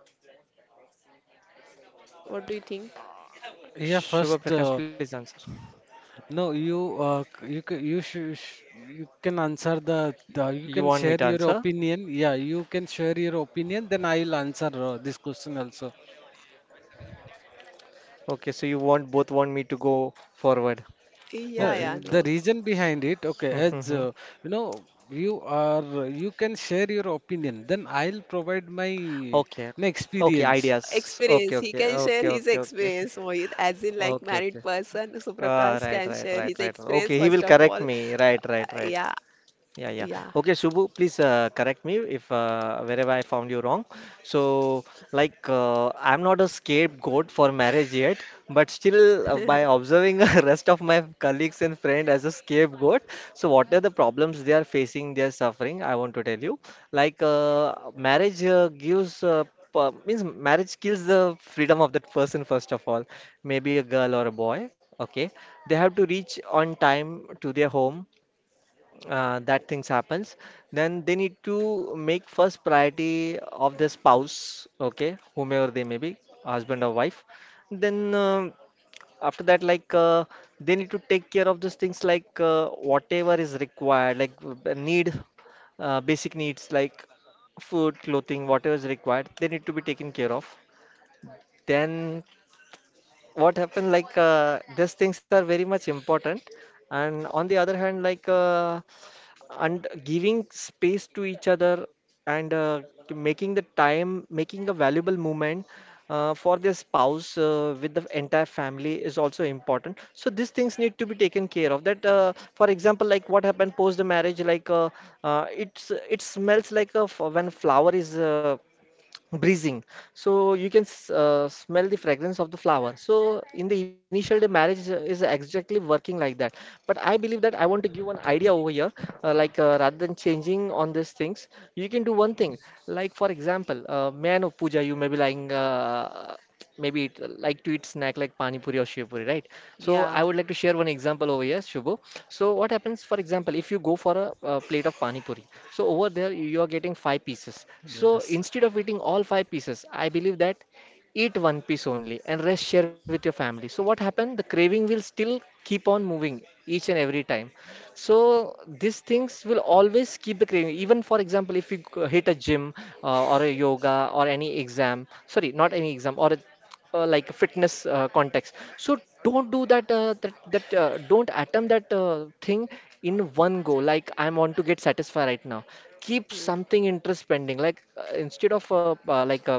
What do you think?
Yeah,
Shubha
first
Prakash, please answer.
no, you can, you can answer the
You
you
want
can
me to
share
answer?
your opinion. Yeah, you can share your opinion. Then I'll answer this question also.
Okay, so you want both want me to go forward.
No,
Okay.
the
Yeah, yeah,
reason
no.
behind it. Okay, as you know, you can share your opinion. Then I'll provide my, you
Okay.
know,
Okay,
experience.
ideas. Okay,
Experience. He
okay,
can share
okay,
his
okay, okay.
experience, Mohit, as in like
Okay, okay.
married person. So
Ah,
Prakash
right,
can
right,
share
right,
his
right, right. Okay,
experience
he will
first of
correct
all.
me. Right, right, right.
Yeah,
Yeah, yeah.
yeah,
Okay, Shubhu, please correct me if wherever I found you wrong. So, I'm not a scapegoat for marriage yet, but still, by observing the rest of my colleagues and friends as a scapegoat, so what are the problems they are facing, they are suffering? I want to tell you. Marriage means marriage kills the freedom of that person first of all, maybe a girl or a boy. Okay, they have to reach on time to their home, that things happens. Then they need to make first priority of their spouse, okay, whomever they may be, husband or wife. Then um after that like uh, they need to take care of those things, like whatever is required, like need, basic needs like food, clothing, whatever is required, they need to be taken care of. Then what happened, like these things are very much important. And on the other hand, and giving space to each other, and to making the time, making a valuable moment for their spouse with the entire family, is also important. So these things need to be taken care of. That, for example, like what happened post the marriage, it's, it smells like a f, when flower is breezing, so you can smell the fragrance of the flower. So in the initial day, marriage is exactly working like that. But I believe that I want to give one idea over here. Rather than changing on these things, you can do one thing. Like, for example, may I know, Pooja, you may be lying, maybe it, like to eat snack like pani puri or shiv puri, right? So I would
yeah.
like to share one example over here, Shubho. So what happens, for example, if you go for a, plate of pani puri, so over there you are getting five pieces.
Yes.
So instead of eating all five pieces, I believe that eat one piece only and rest share with your family. So what happened? The craving will still keep on moving each and every time. So these things will always keep the craving. Even, for example, if you hit a gym or a yoga or any exam, sorry, not any exam, or a, like a fitness context. So don't do that. Don't attempt that thing in one go. Like, I want to get satisfied right now. Keep
Hmm.
something interest pending. Like instead of like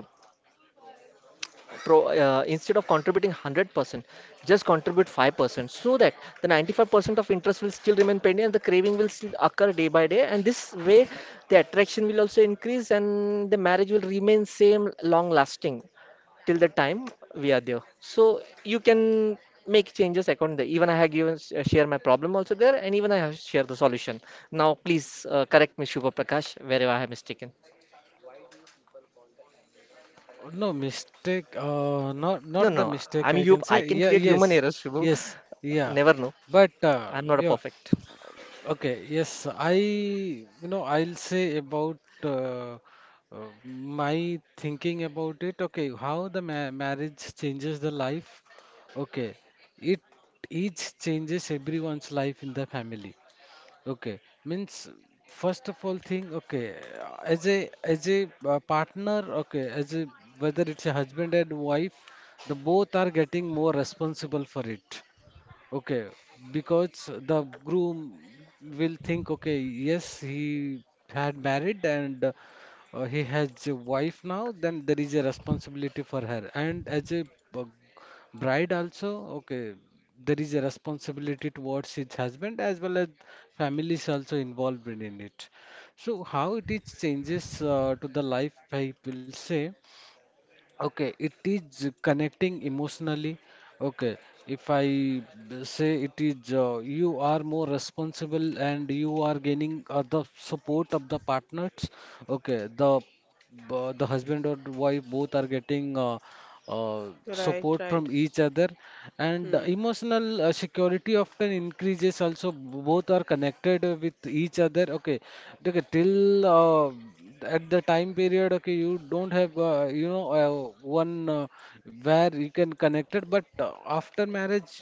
pro, Instead of contributing 100%, just contribute 5%, so that the 95% of interest will still remain pending, and the craving will still occur day by day, and this way the attraction will also increase, and the marriage will remain same, long lasting, till the time we are there. So you can make changes according to, even I have given share my problem also there, and even I have shared the solution. Now please correct me, Shubha Prakash, wherever I have mistaken.
No mistake. Not
No,
not the
no,
mistake.
I'm
I can
you. I
say.
can
Yeah.
create
Yes.
human errors, Shubhu.
Yes. Yeah.
Never know.
But
I'm not a
yeah.
perfect.
Okay, yes, I, I'll say about uh, uh, my thinking about it. Okay, how the ma marriage changes the life. Okay, it each changes everyone's life in the family. Okay, means first of all thing, okay, as a as a partner, okay, as a whether it's a husband and wife, the both are getting more responsible for it. Okay, because the groom will think, okay, yes, he had married and he has a wife now, then there is a responsibility for her. And as a b- bride also, okay, there is a responsibility towards his husband as well as families also involved in it. So how it is changes to the life, I will say. Okay, it is connecting emotionally. Okay, if I say it is, you are more responsible and you are gaining the support of the partners. Okay, the but the husband or wife both are getting support
Right,
from
right.
each other, and the
Hmm.
emotional security often increases. Also both are connected with each other, okay, okay till at the time period, okay, you don't have one where you can connect it, but after marriage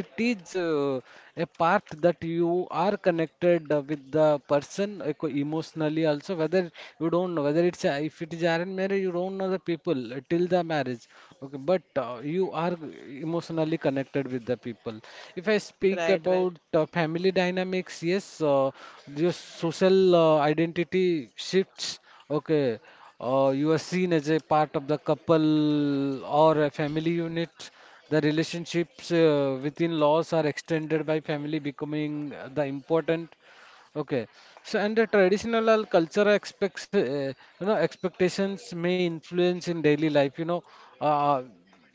it is a part that you are connected with the person emotionally also. Whether you don't know, whether it's a, if it is arranged marriage, you don't know the people till the marriage, okay, but you are emotionally connected with the people. If I speak
Right,
about
right.
family dynamics, yes, your social identity shifts, okay, you are seen as a part of the couple or a family unit. The relationships within laws are extended by family, becoming the important. Okay, so and the traditional and cultural expectations may influence in daily life. Uh,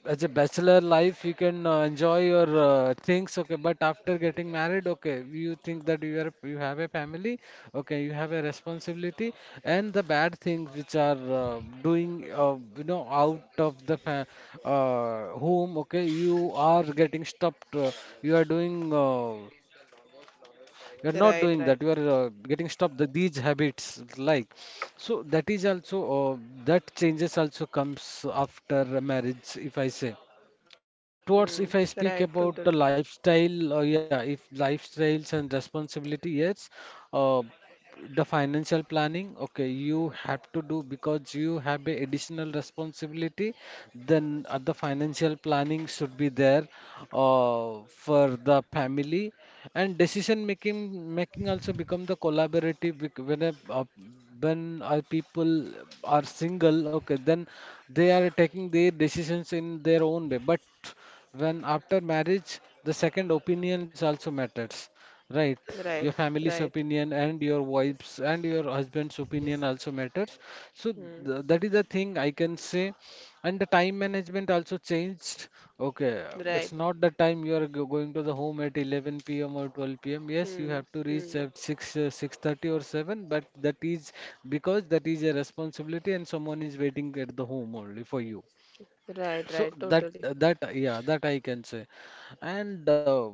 as a bachelor life, you can enjoy your things. Okay, but after getting married, okay, you think that you are you have a family. Okay, you have the responsibility, and the bad things which are doing out of the fa home, okay, you are getting stopped. You are doing uh, you are not doing that. You are
Right, right.
getting stopped the, these habits, like, so that is also that changes also comes after a marriage, if I say. Towards,
Hmm.
if I speak
Right,
about the
totally.
lifestyle, yeah, if lifestyles and responsibility, yes, uh, the financial planning, okay, you have to do, because you have a additional responsibility. Then the financial planning should be there for the family, and decision making also become the collaborative. When when our people are single, okay, then they are taking their decisions in their own way. But when after marriage, the second opinions also matters, right? Your
Right,
family's
right.
opinion and your wife's and your husband's opinion also matters. So
Hmm.
that is the thing I can say. And the time management also changed. Okay,
Right.
it's not the time you are going to the home at 11 p.m. or 12 p.m. Yes, you
Hmm.
have to reach
Hmm.
at 6, 6:30 or 7, but that is because that is a responsibility and someone is waiting at the home only for you.
Right,
So
right,
that
totally.
that yeah, that I can say. And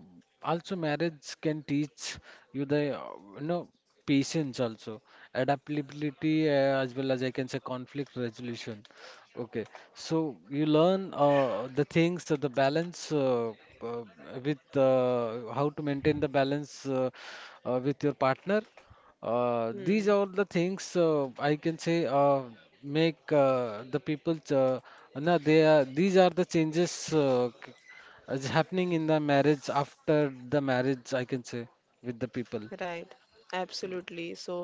also marriage can teach you the you know patience also, adaptability, as well as, I can say, conflict resolution. Okay, so you learn the things, the balance, uh, with how to maintain the balance with your partner. These
Hmm.
are the things I can say make the people. They are, these are the changes is happening in the marriage after the marriage, I can say, with the people.
Right, absolutely. So,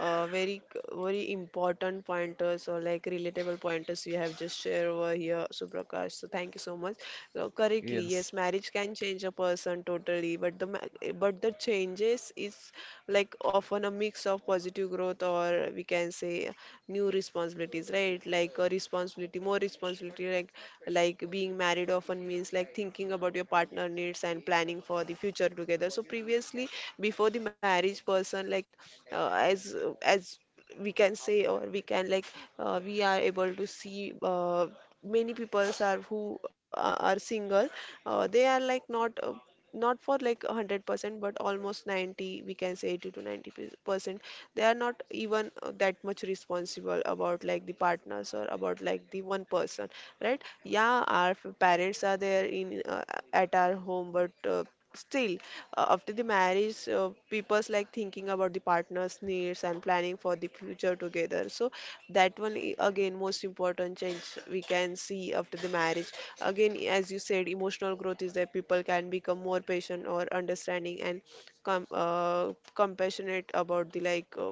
very very important pointers or like relatable pointers you have just shared over here, Suprakash. So, thank you so much. Correctly,
Yes.
yes, marriage can change a person totally, but the but the changes is like often a mix of positive growth, or we can say new responsibilities, right? Like a responsibility, more responsibility, like being married often means like thinking about your partner needs and planning for the future together. So previously, before the marriage, person like, uh, as as we can say, or we can like, we are able to see many people are who are single. They are like not, not for like 100%, but almost 90, we can say 80 to 90%, they are not even that much responsible about like the partners, or about like the one person, right? Yeah, our parents are there in, at our home, but still, after the marriage, people's like thinking about the partner's needs and planning for the future together. So that one again most important change we can see after the marriage. Again, as you said, emotional growth is that people can become more patient or understanding and com- uh, compassionate about the like uh,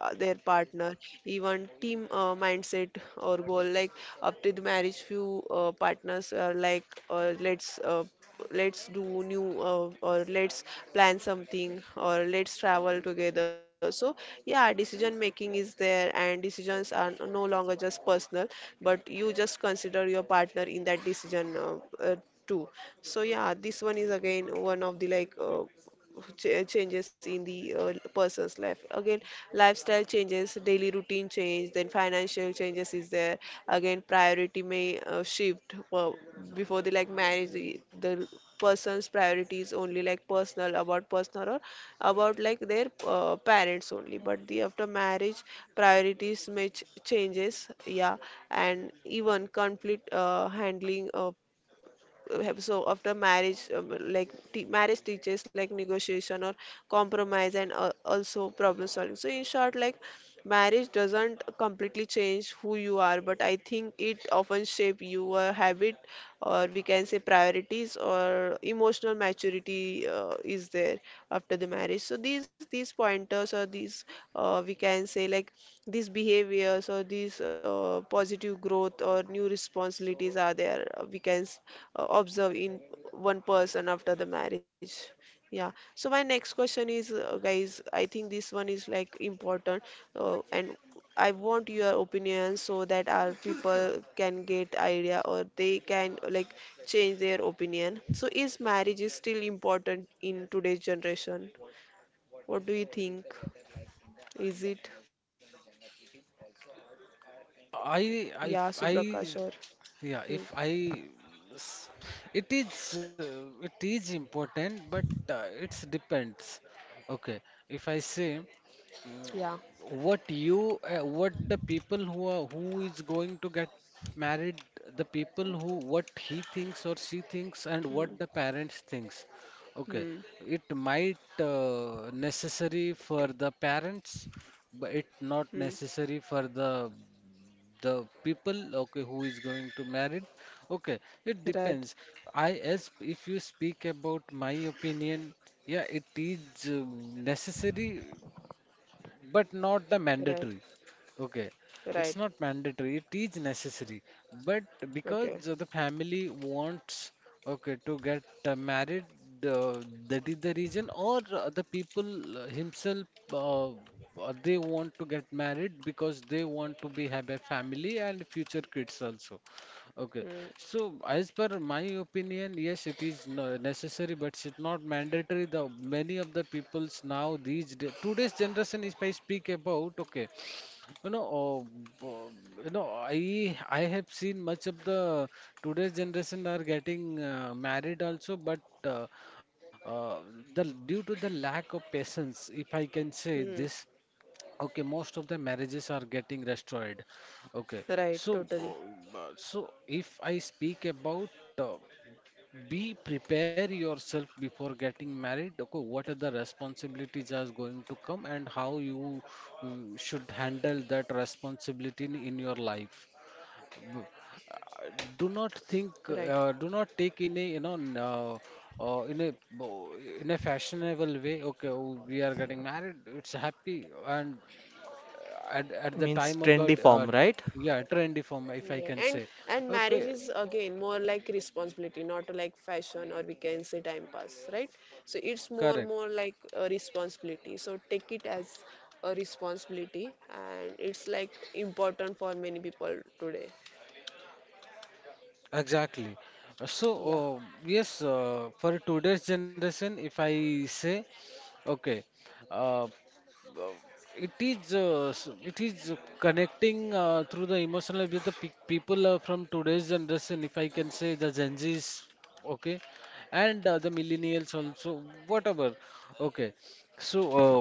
uh, their partner, even team mindset or goal. Like after the marriage few partners are like, uh, let's uh, let's do new, or let's plan something or let's travel together. So yeah, decision making is there, and decisions are no longer just personal, but you just consider your partner in that decision uh, too. So yeah, this one is again one of the like changes in the person's life. Again, lifestyle changes, daily routine change, then financial changes is there. Again, priority may shift. Before the like marriage, the person's priorities only like personal, about personal or about like their parents only. But the after marriage priorities may changes, yeah. And even conflict handling have. So after marriage, like t marriage teaches like negotiation or compromise and also problem solving. So in short, like marriage doesn't completely change who you are, but I think it often shape your habit, or we can say priorities or emotional maturity is there after the marriage. So these pointers or these, we can say, like these behaviors or these positive growth or new responsibilities are there. We can observe in one person after the marriage. Yeah, so my next question is, guys, I think this one is like important, and I want your opinion so that our people can get idea or they can, like, change their opinion. So is marriage is still important in today's generation? What do you think? Is it?
I
Yeah,
I f- I
Suprakash? Or
yeah,
Hmm.
if I, s- it is important, but it's depends. Okay, if I say,
Yeah.
what you what the people who are who is going to get married, the people who what he thinks or she thinks, and what the
Hmm.
parents thinks. Okay,
Hmm.
it might necessary for the parents, but it not
Hmm.
necessary for the people, okay, who is going to marry, okay, it
Right.
depends. I as if you speak about my opinion, yeah, it is necessary but not the
Right.
mandatory. Okay,
Right.
it's not mandatory, it is necessary. But because
Okay.
the family wants, okay, to get married, uh, that is the reason, or the people himself, they want to get married because they want to be have a family and future kids also. Okay,
Hmm.
so as per my opinion, yes, it is necessary, but it's not mandatory. The many of the peoples now these today's generation, if I speak about, okay, you know, uh, uh, I have seen much of the today's generation are getting married also, but uh, uh, the due to the lack of patience, if I can say
Hmm.
this. Okay, most of the marriages are getting destroyed. Okay,
Right.
so
Totally.
so if I speak about, uh, be prepare yourself before getting married. Okay, what are the responsibilities are going to come and how you uh, should handle that responsibility in your life. B- uh, Do
Right.
not think, do not take in a in a bo- in a fashionable way. Okay, oh, we are getting married, it's happy, and at the
Means
time of the
trendy form, right?
yeah, trendy form,
Yeah.
if I can say.
And marriage is
Okay.
again more like responsibility, not like fashion or we can say time pass, right? So it's more
Correct.
more like a responsibility. So take it as a responsibility, and it's like important for many people today.
Exactly. Uh, so
Yeah.
uh, yes, for today's generation, if I say, okay, uh, uh, it is it is connecting through the emotional with the pe people from today's generation, if I can say the Gen Z's, okay, and the millennials also, whatever. Okay, so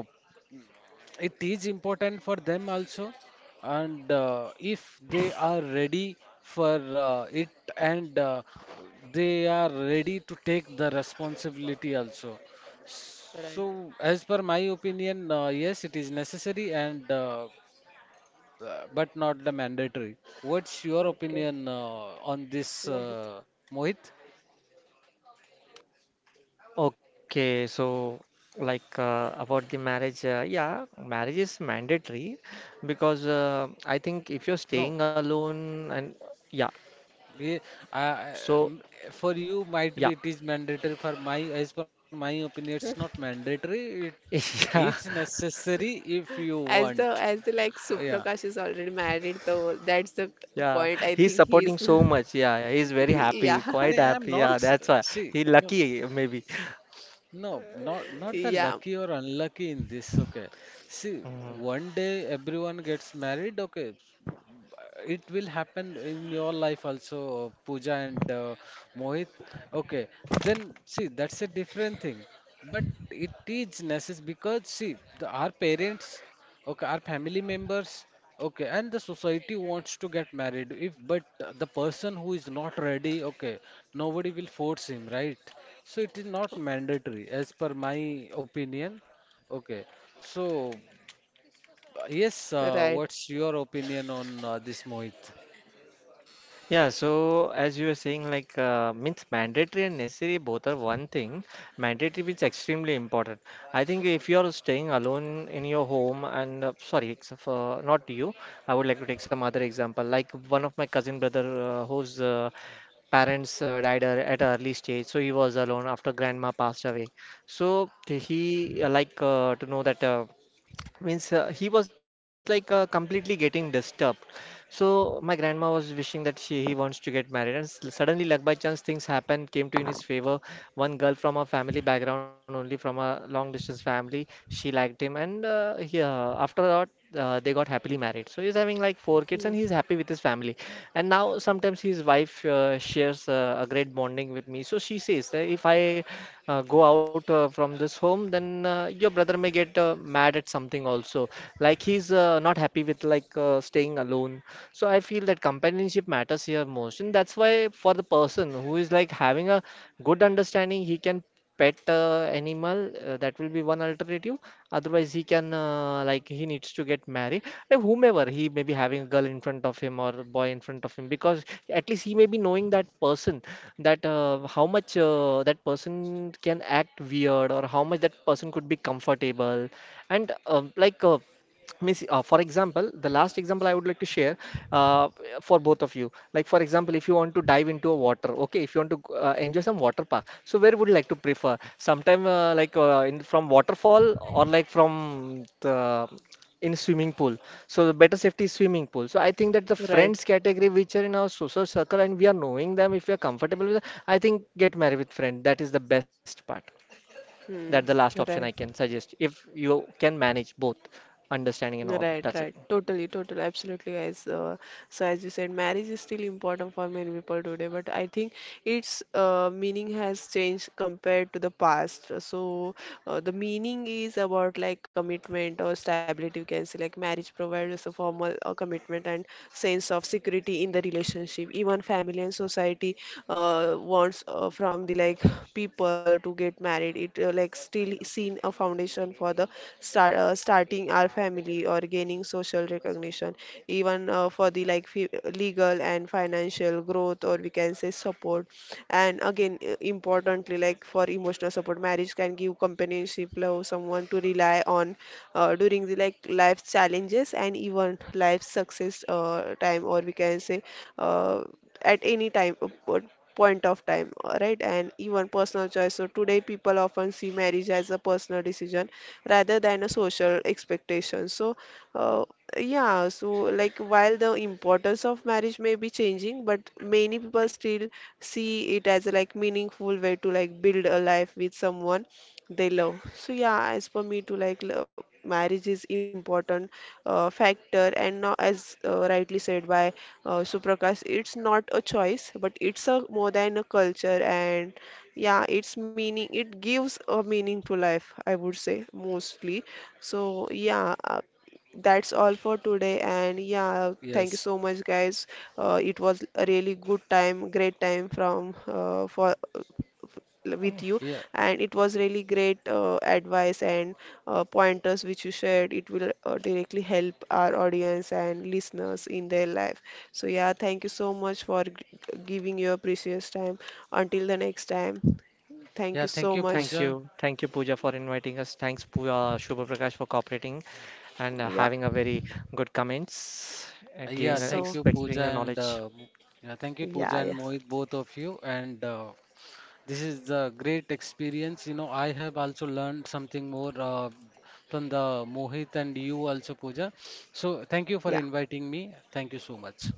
it is important for them also, and if they are ready for it, and they are ready to take the responsibility also. So
Right.
as per my opinion, yes, it is necessary, and but not the mandatory. What's your opinion
Okay.
on this,
Mohit.
Mohit?
Okay, so like about the marriage, yeah, marriage is mandatory because I think if you're
No.
staying alone and yeah,
We, uh,
so
for you might
yeah,
be it is mandatory, for my as per my opinion it's not mandatory, it
yeah,
is necessary if you
As the
want.
as the like
Uh, yeah
Suprakash is already married, though that's the
yeah,
point. I
he's
think
supporting
he's
so much. Yeah, he's very happy,
yeah
no,
quite
I'm
happy.
not
Yeah, that's why
see
he
no.
lucky maybe.
No, not the
yeah,
lucky or unlucky in this, okay. See,
Mm-hmm.
one day everyone gets married, okay. It will happen in your life also, Pooja and Mohit. Okay, then see, that's a different thing. But it is necessary because see, the, our parents, okay, our family members. Okay, and the society wants to get married. If but the person who is not ready, okay, nobody will force him, right? So it is not mandatory, as per my opinion. Okay, so yes,
right.
what's your opinion on this, Mohit?
Yeah, so as you were saying, like means mandatory and necessary both are one thing. Mandatory means extremely important. I think if you are staying alone in your home and, sorry, except for not you, I would like to take some other example. Like one of my cousin brother whose parents died at an early stage, so he was alone after grandma passed away. So he to know that. Means He was like completely getting disturbed. So my grandma was wishing that she he wants to get married, and suddenly luck, by chance, things happened, came to in his favor. One girl from a family background, only from a long distance family, she liked him, and after that they got happily married. So he's having like four kids
Hmm.
and he's happy with his family. And now sometimes his wife shares a great bonding with me. So she says that if I go out from this home, then your brother may get mad at something also. Like he's not happy with staying alone. So I feel that companionship matters here most, and that's why for the person who is like having a good understanding, he can pet animal. That will be one alternative. Otherwise, he can, he needs to get married. Like whomever he may be, having a girl in front of him or a boy in front of him, because at least he may be knowing that person, that how much that person can act weird, or how much that person could be comfortable. And like. Means For example, the last example I would like to share, uh, for both of you, like for example, if you want to dive into a water, okay, if you want to enjoy some water park, so where would you like to prefer sometime, from waterfall or like from the in swimming pool? So the better safety is swimming pool. So I think that the
Right.
friends category which are in our social circle and we are knowing them, if we are comfortable with it, I think get married with friend, that is the best part. That's the
Hmm.
last option I can
Right.
suggest, if you can manage both understanding and all. That's
Right,
it.
right. Totally, totally, absolutely, guys. So as you said, marriage is still important for many people today, but I think its meaning has changed compared to the past. So the meaning is about like commitment or stability, you can say. Like marriage provides us a formal commitment and sense of security in the relationship, even on family and society wants from the like people to get married. It like still seen a foundation for the starting our family or gaining social recognition, even for the like legal and financial growth, or we can say support. And again importantly, like for emotional support. Marriage can give companionship, love, someone to rely on during the like life challenges and even life success time, or we can say uh, at any time. Point of time, right. And even personal choice, so today people often see marriage as a personal decision rather than a social expectation. Uh, yeah, so like while the importance of marriage may be changing, but many people still see it as a like meaningful way to like build a life with someone they love. So yeah, as per me too, like love, marriage is important factor, and now as rightly said by Suprakash, it's not a choice, but it's a more than a culture, and yeah, it's meaning. It gives a meaning to life, I would say mostly. So yeah, that's all for today. And yeah, thank you
Yes.
so much, guys. It was a really good time, great time from for with you,
Yeah.
and it was really great advice and pointers which you shared. It will directly help our audience and listeners in their life. So yeah, thank you so much for g giving your precious time. Until the next time, thank
Yeah,
you
thank
so
you,
Thank
much.
Pooja.
you. Thank you, Pooja, for inviting us. Thanks, Pooja, Shubha Prakash, for cooperating and
Yeah.
having a very good comments and giving,
Yeah, thank
So
you,
expecting your
Pooja and
knowledge.
yeah, thank you, Pooja
yeah, yeah,
and Mohit, both of you. And This is the great experience. You know, I have also learned something more from the Mohit and you also, Pooja. So thank you for
yeah.
inviting me. Thank you so much.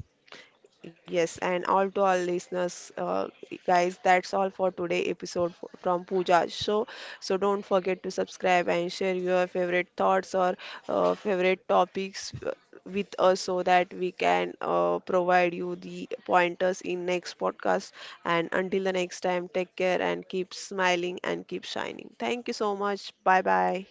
Yes, and all to all listeners, guys, that's all for today episode from Pooja's show. So don't forget to subscribe and share your favorite thoughts or favorite topics with us so that we can provide you the pointers in next podcast. And until the next time, take care and keep smiling and keep shining. Thank you so much. Bye bye.